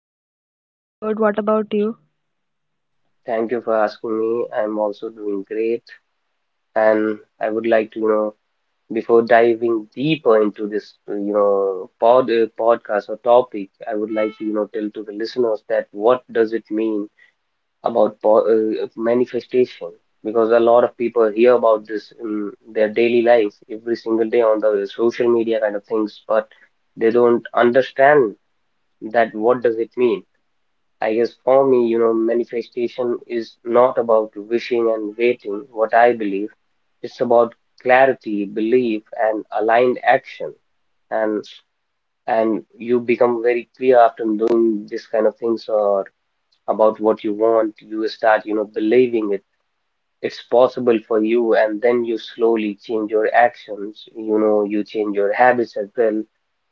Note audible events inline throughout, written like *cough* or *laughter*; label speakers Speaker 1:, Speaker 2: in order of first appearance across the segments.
Speaker 1: Hi Adarsh, I'm good. What about you?
Speaker 2: Thank you for asking me. I'm also doing great, and I would like to, before diving deeper into this, podcast or topic, I would like to, tell to the listeners that what does it mean about po manifestation? Because a lot of people hear about this in their daily life, every single day on the social media kind of things, but they don't understand that what does it mean. I guess for me, manifestation is not about wishing and waiting, what I believe. It's about clarity, belief, and aligned action. And you become very clear after doing this kind of things or about what you want. You start, believing it. It's possible for you, and then you slowly change your actions. You know, you change your habits as well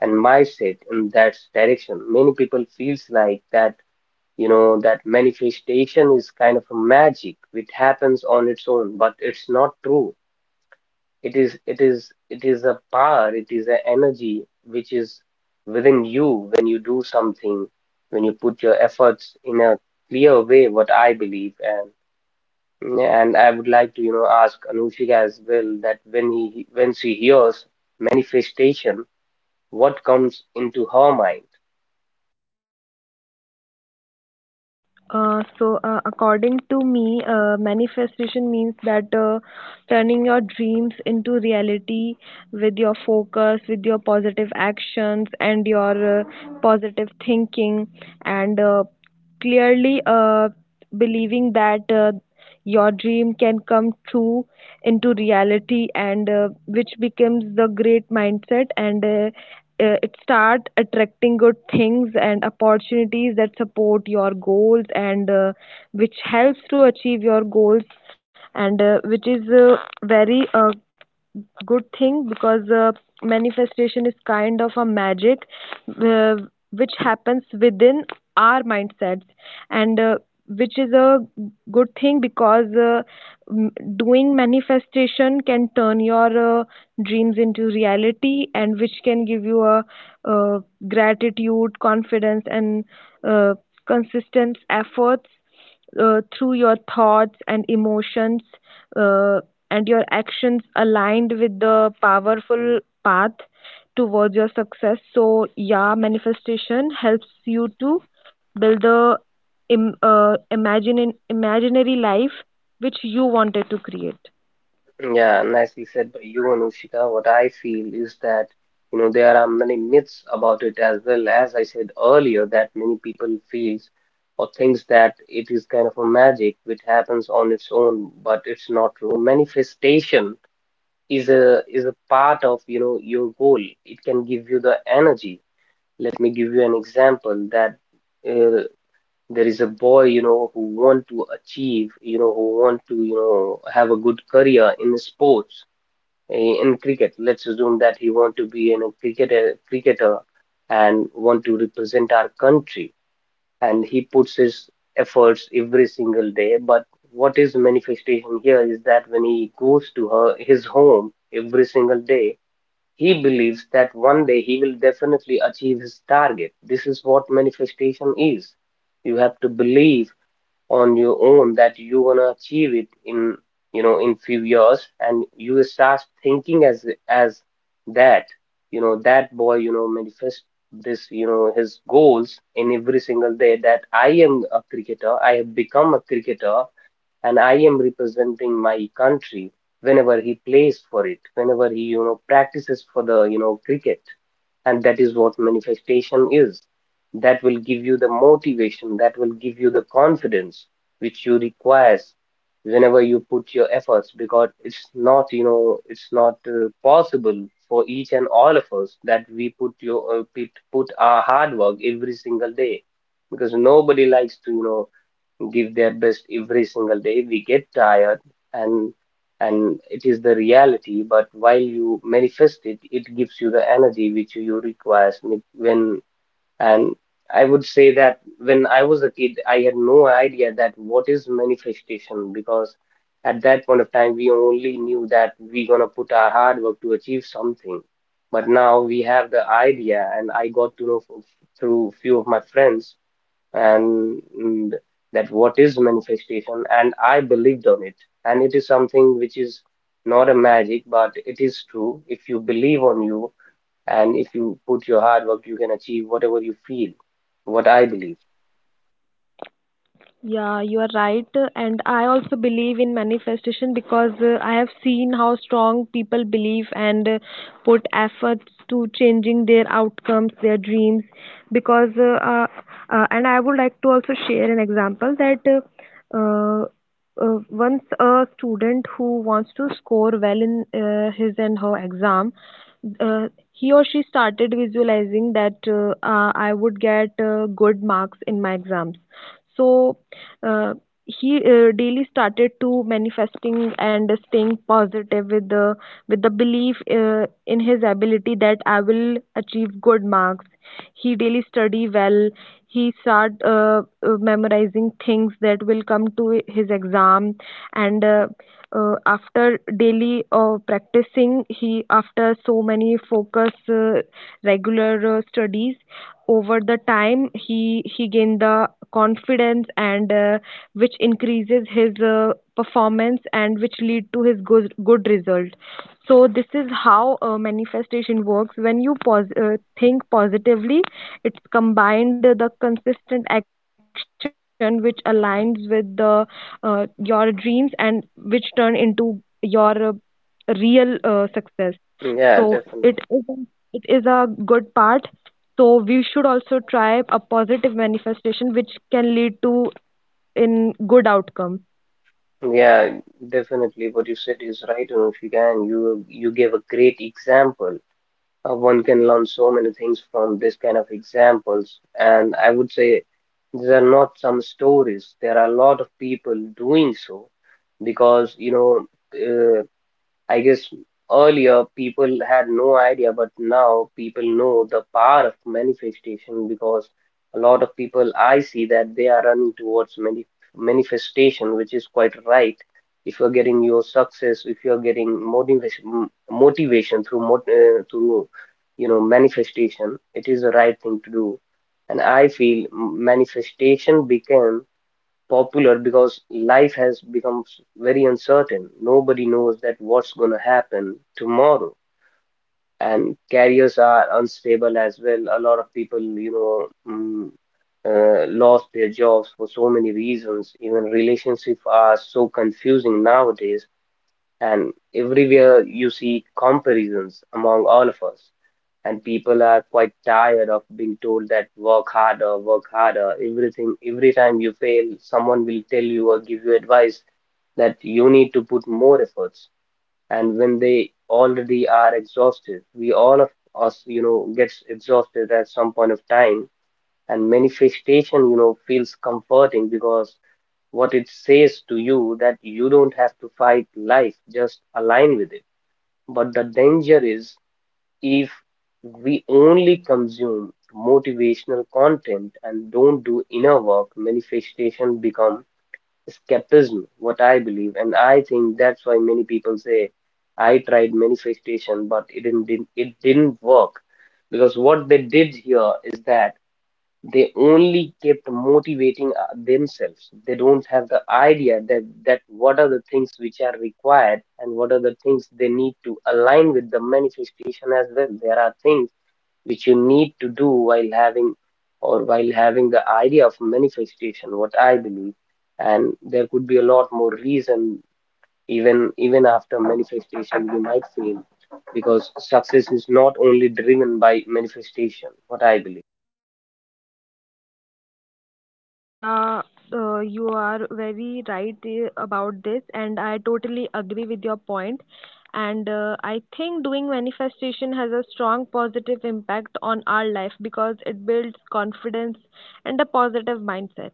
Speaker 2: and mindset in that direction. Many people feels like that that manifestation is kind of a magic which happens on its own, but it's not true. It is a power, it is an energy which is within you when you do something, when you put your efforts in a clear way, what I believe. And I would like to, ask Anushika as well that when she hears manifestation, what comes into her mind?
Speaker 1: According to me, manifestation means that turning your dreams into reality with your focus, with your positive actions, and your positive thinking, and clearly believing that your dream can come true into reality, and which becomes the great mindset, and it start attracting good things and opportunities that support your goals, and which helps to achieve your goals, and which is very good thing because manifestation is kind of a magic uh, which happens within our mindsets, and which is a good thing because doing manifestation can turn your dreams into reality, and which can give you a uh, gratitude, confidence, and uh, consistent efforts through your thoughts and emotions, uh, and your actions aligned with the powerful path towards your success. So, yeah, manifestation helps you to build the Im- imagine imaginary life which you wanted to create.
Speaker 2: Yeah, nicely said by you, Anushika. What I feel is that, there are many myths about it as well. As I said earlier, that many people feels or thinks that it is kind of a magic which happens on its own, but it's not true. Manifestation is a part of, your goal. It can give you the energy. Let me give you an example that uh, there is a boy, who want to achieve, who want to, have a good career in sports, in cricket. Let's assume that he want to be in a cricketer and want to represent our country, and he puts his efforts every single day. But what is manifestation here is that when he goes to her his home every single day, he believes that one day he will definitely achieve his target. This is what manifestation is. You have to believe on your own that you wanna achieve it in in few years, and you start thinking as that that boy manifest this his goals in every single day that I am a cricketer, I have become a cricketer and I am representing my country, whenever he plays for it, whenever he practices for the cricket. And that is what manifestation is. That will give you the motivation, that will give you the confidence which you requires whenever you put your efforts, because it's not it's not possible for each and all of us that we put your put our hard work every single day, because nobody likes to give their best every single day. We get tired, and it is the reality. But while you manifest it, it gives you the energy which you requires when and I would say that when I was a kid, I had no idea that what is manifestation, because at that point of time we only knew that we gonna put our hard work to achieve something. But now we have the idea, and I got to know through few of my friends and that what is manifestation, and I believed on it. And it is something which is not a magic, but it is true. If you believe on you and if you put your hard work, you can achieve whatever you feel, what I believe.
Speaker 1: Yeah, you are right. And I also believe in manifestation because I have seen how strong people believe and put efforts to changing their outcomes, their dreams. Because, uh, uh, and I would like to also share an example that uh, uh, once a student who wants to score well in his and her exam, uh, he or she started visualizing that I would get good marks in my exams. So, uh, he daily started to manifesting and staying positive with the belief in his ability that I will achieve good marks. He daily study well. He start memorizing things that will come to his exam and after daily practicing, he after so many focus regular studies over the time, he gained the confidence, and which increases his performance and which lead to his good result. So this is how manifestation works. When you think positively, it's combined the consistent action which aligns with the your dreams, and which turn into your real success. so
Speaker 2: Yeah,
Speaker 1: it is
Speaker 2: definitely.
Speaker 1: an- it is a good part, so we should also try a positive manifestation which can lead to in good outcome.
Speaker 2: Yeah, definitely. What you said is right, Anushika, and if you can, you gave a great example. One can learn so many things from this kind of examples. And I would say these are not some stories. There are a lot of people doing so because, uh, I guess earlier people had no idea, but now people know the power of manifestation, because a lot of people I see that they are running towards manifestation, which is quite right. If you're getting your success, if you're getting motivation through mot through manifestation, it is the right thing to do. And I feel manifestation became popular because life has become very uncertain. Nobody knows that what's going to happen tomorrow, and careers are unstable as well. A lot of people, mm, lost their jobs for so many reasons. Even relationships are so confusing nowadays, and everywhere you see comparisons among all of us. And people are quite tired of being told that work harder, work harder. Everything, every time you fail, someone will tell you or give you advice that you need to put more efforts. And when they already are exhausted, we all of us, gets exhausted at some point of time. And manifestation feels comforting, because what it says to you that you don't have to fight life, just align with it. But the danger is, if we only consume motivational content and don't do inner work, manifestation become escapism, what I believe. And I think that's why many people say I tried manifestation, but it didn't work, because what they did here is that they only kept motivating themselves. They don't have the idea that what are the things which are required and what are the things they need to align with the manifestation as well. There are things which you need to do while having or while having the idea of manifestation, what I believe. And there could be a lot more reason. Even after manifestation, you might fail, because success is not only driven by manifestation, what I believe.
Speaker 1: Yeah, you are very right about this, and I totally agree with your point. And I think doing manifestation has a strong positive impact on our life because it builds confidence and a positive mindset.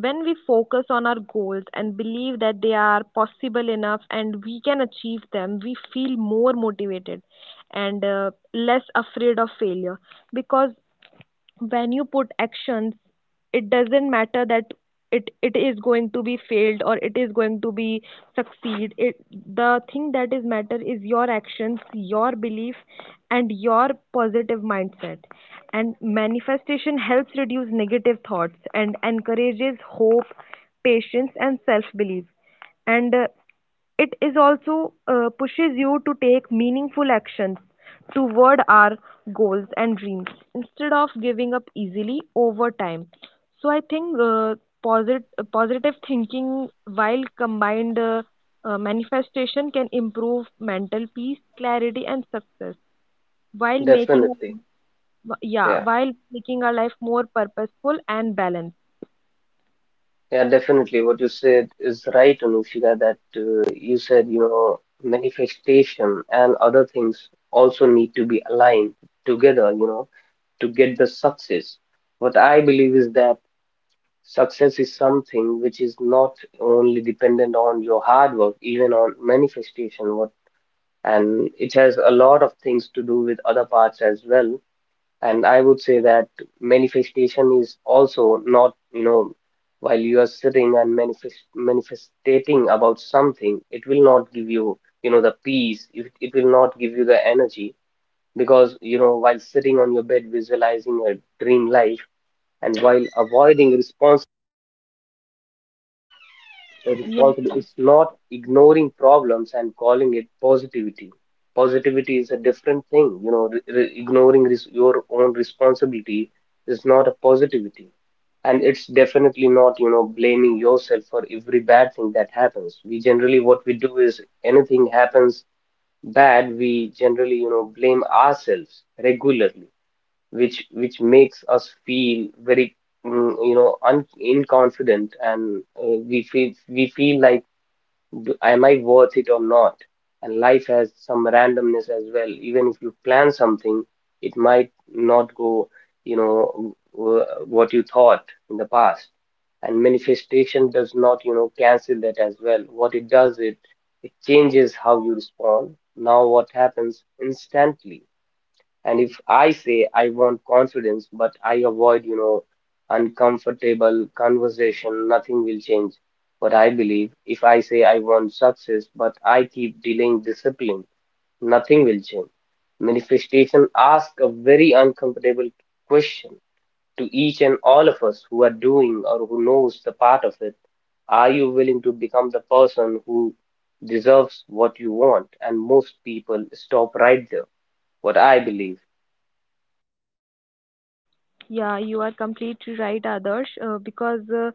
Speaker 1: When we focus on our goals and believe that they are possible enough and we can achieve them, we feel more motivated and less afraid of failure, because when you put actions, it doesn't matter that it is going to be failed or it is going to be succeed. It the thing that is matter is your actions, your belief, and your positive mindset. And manifestation helps reduce negative thoughts and encourages hope, patience, and self belief. And it is also pushes you to take meaningful actions toward our goals and dreams instead of giving up easily over time. So I think positive thinking, while combined manifestation, can improve mental peace, clarity, and success, while making
Speaker 2: Definitely.
Speaker 1: yeah
Speaker 2: Yeah.
Speaker 1: while making our life more purposeful and balanced.
Speaker 2: Yeah, definitely. What you said is right, Anushika, that you said, manifestation and other things also need to be aligned together, to get the success. What I believe is that success is something which is not only dependent on your hard work, even on manifestation, what, and it has a lot of things to do with other parts as well. And I would say that manifestation is also not, while you are sitting and manifestating about something, it will not give you, the peace. It will not give you the energy, because, while sitting on your bed visualizing a dream life and while avoiding responsibility. The
Speaker 1: Yeah.
Speaker 2: responsibility is not ignoring problems and calling it positivity. Positivity is a different thing. You know, ignoring your own responsibility is not a positivity. And it's definitely not, blaming yourself for every bad thing that happens. We generally, what we do is anything happens bad, we generally, blame ourselves regularly, which makes us feel very un inconfident, and we feel like, am I worth it or not?" And life has some randomness as well. Even if you plan something, it might not go you know w- what you thought in the past. And manifestation does not cancel that as well. What it does, it changes how you respond. Now what happens instantly, and if I say I want confidence, but I avoid, uncomfortable conversation, nothing will change. But I believe if I say I want success, but I keep delaying discipline, nothing will change. Manifestation asks a very uncomfortable question to each and all of us who are doing or who knows the part of it. Are you willing to become the person who deserves what you want? And most people stop right there, what I believe.
Speaker 1: Yeah, you are completely right, Adarsh, because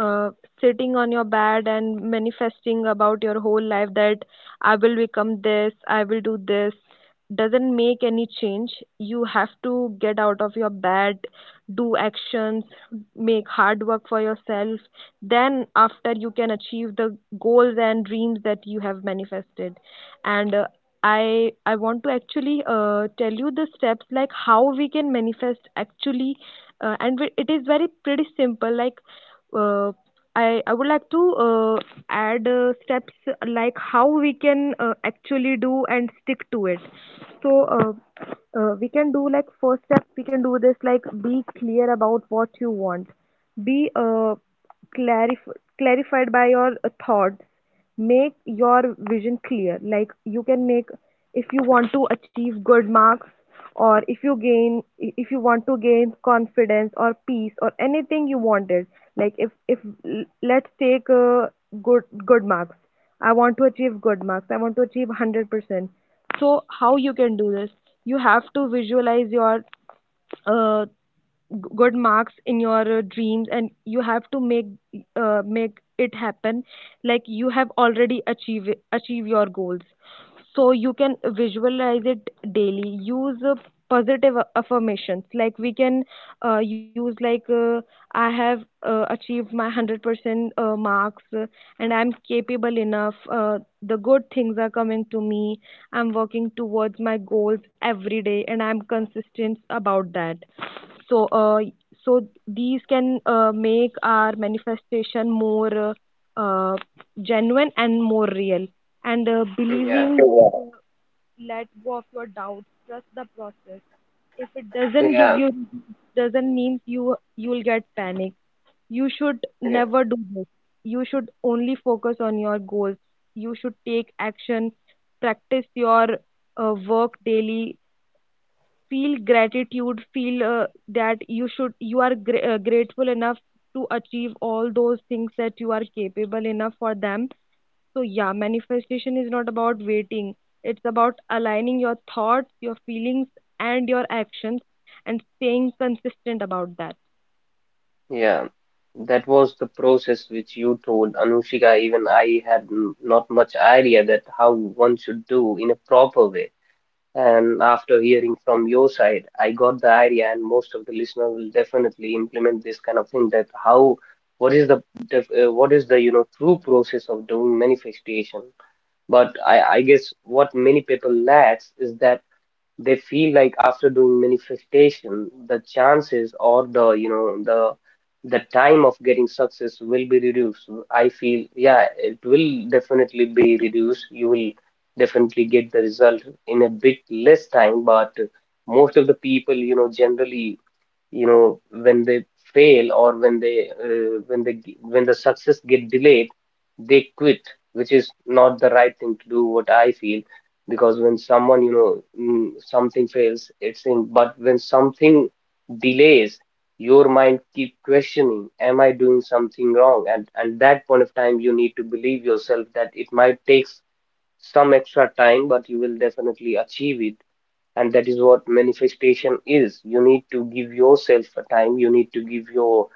Speaker 1: uh, sitting on your bed and manifesting about your whole life that I will become this, I will do this, doesn't make any change. You have to get out of your bed, do actions, make hard work for yourself. Then, after, you can achieve the goals and dreams that you have manifested. And I want to actually tell you the steps, like how we can manifest actually. It is very pretty simple. Like uh, I would like to add steps like how we can actually do and stick to it. So we can do like first step we can do this, like be clear about what you want. Be clarified by your thoughts, make your vision clear. Like, you can make, if you want to achieve good marks, or if you gain if you want to gain confidence or peace or anything you wanted, like if l- let's take good marks. I want to achieve good marks, I want to achieve 100%. So how you can do this? You have to visualize your uh, good marks in your dreams, and you have to make make it happen, like you have already achieve achieve your goals. So you can visualize it daily, use positive affirmations. Like, we can use like I have achieved my 100% marks, and I'm capable enough, uh, the good things are coming to me, I'm working towards my goals every day and I'm consistent about that. So so these can make our manifestation more uh, uh, genuine and more real. And believing
Speaker 2: Yeah,
Speaker 1: let go of your doubts, trust the process. If it doesn't give you,
Speaker 2: yeah,
Speaker 1: doesn't mean you you'll get panic, you should
Speaker 2: yeah,
Speaker 1: never do this. You should only focus on your goals, you should take action, practice your work daily, feel gratitude, feel that you should, you are grateful enough to achieve all those things, that you are capable enough for them. So yeah, manifestation is not about waiting, it's about aligning your thoughts, your feelings, and your actions, and staying consistent about that.
Speaker 2: yeah. That was the process which you told Anushika. Even I not much idea that how one should do in a proper way. And after hearing from your side, I got the idea, and most of the listener will definitely implement this kind of thing. That how, what is the, what is the true process of doing manifestation? But I guess what many people lacks is that they feel like after doing manifestation the chances or the the time of getting success will be reduced. I feel yeah it will definitely be reduced. You will definitely get the result in a bit less time, but most of the people generally when they fail or when they when they when the success get delayed, they quit, which is not the right thing to do, what I feel. Because when someone something fails it's in, but when something delays, your mind keep questioning, am I doing something wrong? And that point of time you need to believe yourself that it might take some extra time, but you will definitely achieve it. And that is what manifestation is. You need to give yourself a time, you need to give your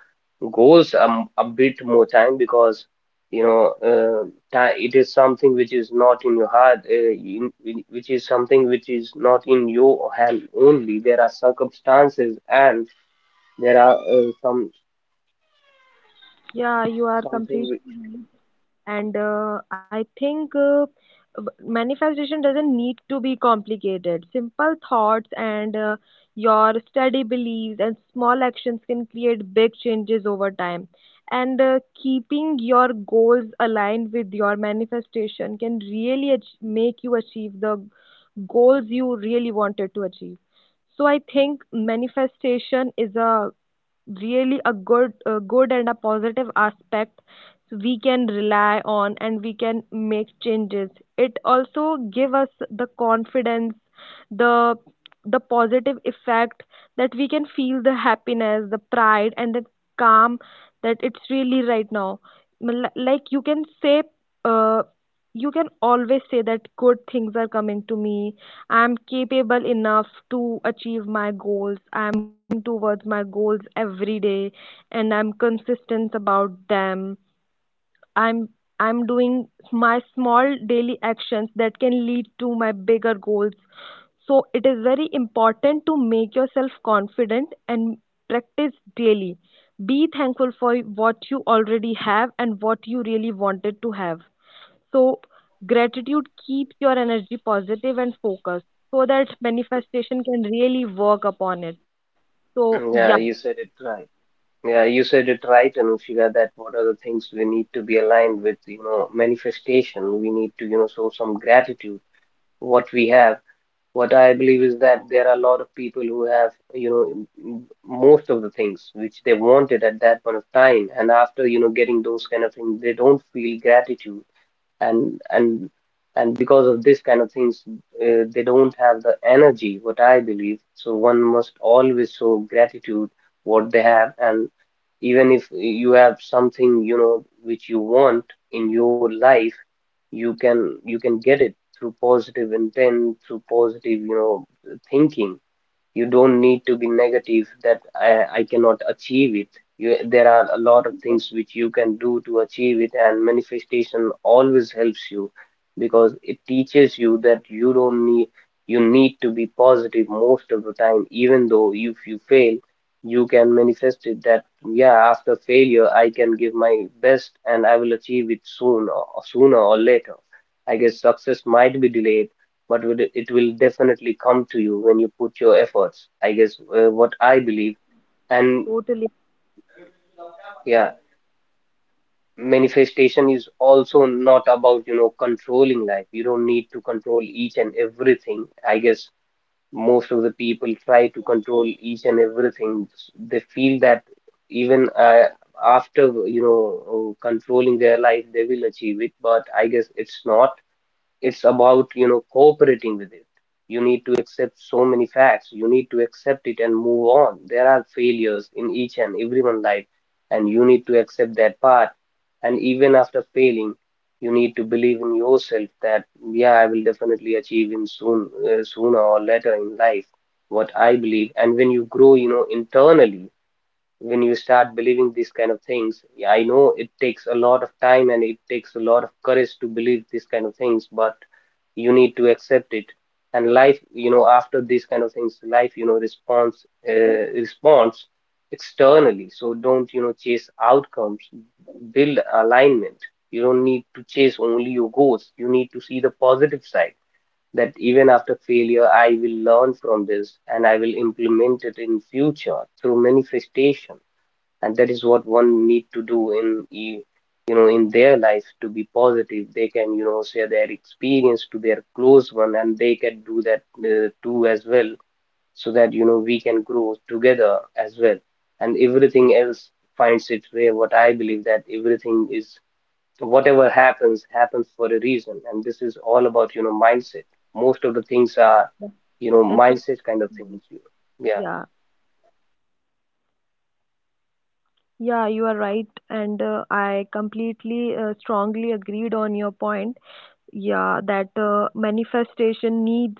Speaker 2: goals a bit more time. Because you know uh, it is something which is not in your heart, which is something which is not in your hand only. There are circumstances and there are some
Speaker 1: Yeah, you are
Speaker 2: something which,
Speaker 1: completely, and I think manifestation doesn't need to be complicated. Simple thoughts and your steady beliefs and small actions can create big changes over time. And keeping your goals aligned with your manifestation can really make you achieve the goals you really wanted to achieve. So I think manifestation is a really a good, a good and a positive aspect we can rely on, and we can make changes. It also give us the confidence, the the positive effect, that we can feel the happiness, the pride, and the calm, that it's really right now. Like you can say, uh, you can always say that good things are coming to me, I'm capable enough to achieve my goals, I'm working towards my goals every day and I'm consistent about them. I'm I'm doing my small daily actions that can lead to my bigger goals. So it is very important to make yourself confident and practice daily. Be thankful for what you already have and what you really wanted to have. So gratitude keeps your energy positive and focused so that manifestation can really work upon it. So
Speaker 2: *clears throat* yeah,
Speaker 1: yeah,
Speaker 2: you said it right. Yeah, you said it right, Anushika, that what are the things we need to be aligned with. Manifestation, we need to show some gratitude what we have. What I believe is that there are a lot of people who have, most of the things which they wanted at that point of time, and after, getting those kind of things, they don't feel gratitude, and and and because of this kind of things, they don't have the energy. What I believe, so one must always show gratitude what they have. And even if you have something which you want in your life, you can get it through positive intent, through positive thinking. You don't need to be negative that I cannot achieve it. You, there are a lot of things which you can do to achieve it, and manifestation always helps you, because it teaches you that you don't need, you need to be positive most of the time. Even though if you fail, you can manifest it that yeah, after failure I can give my best and I will achieve it soon or sooner or later. I guess success might be delayed, but will it it will definitely come to you when you put your efforts. I guess what I believe, and
Speaker 1: totally.
Speaker 2: yeah, manifestation is also not about controlling life. You don't need to control each and everything. I guess most of the people try to control each and everything. They feel that even after controlling their life, they will achieve it. But I guess it's not, it's about cooperating with it. You need to accept so many facts, you need to accept it and move on. There are failures in each and everyone's life, and you need to accept that part. And even after failing, you need to believe in yourself that yeah, I will definitely achieve in soon, sooner or later in life, what I believe. And when you grow internally, when you start believing these kind of things, yeah, I know it takes a lot of time and it takes a lot of courage to believe these kind of things, but you need to accept it. And life after these kind of things, life responds, responds externally. So don't chase outcomes, build alignment. You don't need to chase only your goals, you need to see the positive side, that even after failure I will learn from this and I will implement it in future through manifestation. And that is what one need to do in in their life, to be positive. They can share their experience to their close one, and they can do that too as well, so that we can grow together as well. And everything else finds its way, what I believe, that everything is, whatever happens happens for a reason, and this is all about mindset. Most of the things are
Speaker 1: It's
Speaker 2: mindset kind of things. Yeah,
Speaker 1: yeah, yeah, you are right, and I completely strongly agreed on your point. Yeah, that manifestation needs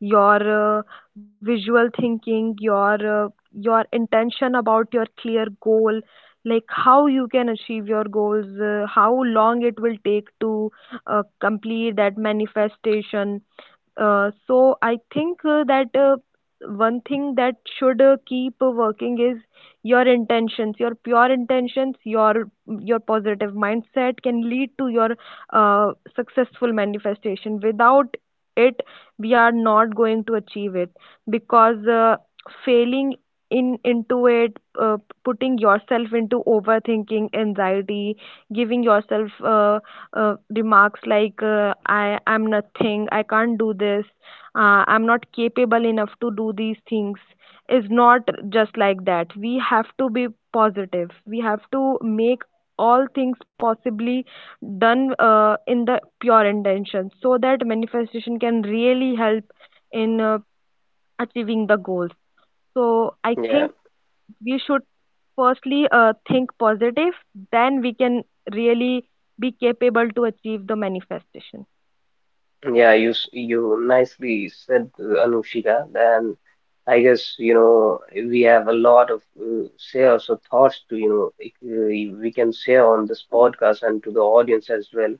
Speaker 1: your visual thinking, your intention about your clear goal, like how you can achieve your goals, how long it will take to complete that manifestation. So I think that one thing that should keep working is your intentions, your pure intentions, your positive mindset, can lead to your successful manifestation. Without it, we are not going to achieve it, because failing in into it, uh, putting yourself into overthinking, anxiety, giving yourself, remarks like I am nothing, I can't do this, I'm not capable enough to do these things, is not just like that. We have to be positive, we have to make all things possibly done in the pure intention, so that manifestation can really help in achieving the goals. So I
Speaker 2: yeah.
Speaker 1: think we should firstly think positive, then we can really be capable to achieve the manifestation.
Speaker 2: Yeah, you nicely said, Anushika. And I guess we have a lot of shares or thoughts to we can share on this podcast and to the audience as well.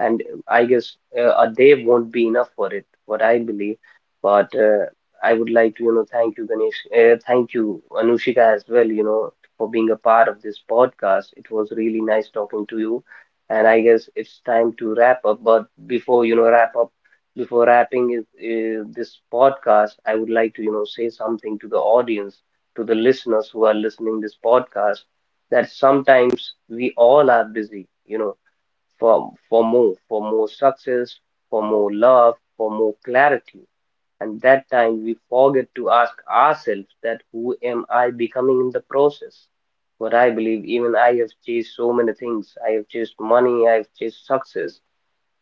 Speaker 2: And I guess a day won't be enough for it, what I believe. But I would like to, thank you, Ganesh, thank you, Anushika, as well, for being a part of this podcast. It was really nice talking to you, and I guess it's time to wrap up. But before, wrap up, before wrapping is, this podcast, I would like to, say something to the audience, to the listeners who are listening this podcast, that sometimes we all are busy, for more success, for more love, for more clarity. And that time we forget to ask ourselves that who am I becoming in the process? What I believe, even I have chased so many things. I have chased money, I have chased success.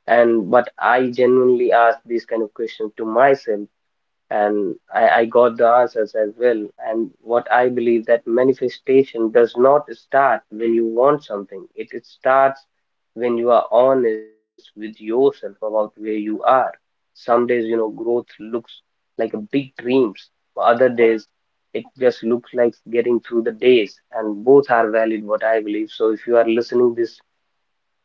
Speaker 2: And but I genuinely ask these kind of questions to myself, and I got the answers as well. And what I believe that manifestation does not start when you want something. It starts when you are honest with yourself about where you are. Some days, growth looks like a big dreams. For other days, it just looks like getting through the days. And both are valid, what I believe. So if you are listening this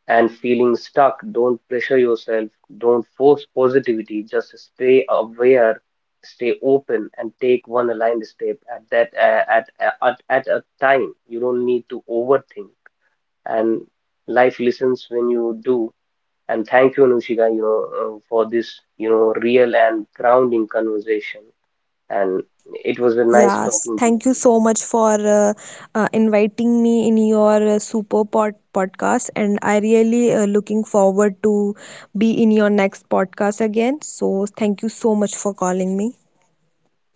Speaker 2: and feeling stuck, don't pressure yourself, don't force positivity, just stay aware, stay open, and take one aligned step at at a time. You don't need to overthink, and life listens when you do. And thank you, Anushika, for this, real and grounding conversation. And it was a nice talking to you.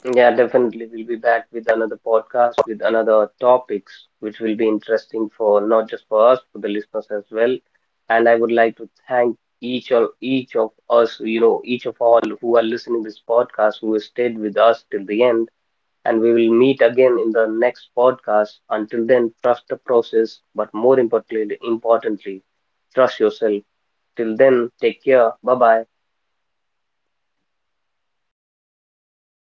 Speaker 2: Yeah, definitely. We'll be back with another podcast with another topics, which will be interesting for not just for us, for the listeners as well. And I would like to thank each of us, each of all who are listening this podcast, who has stayed with us till the end. And we will meet again in the next podcast. Until then, trust the process, but importantly, trust yourself. Till then, take care. Bye bye.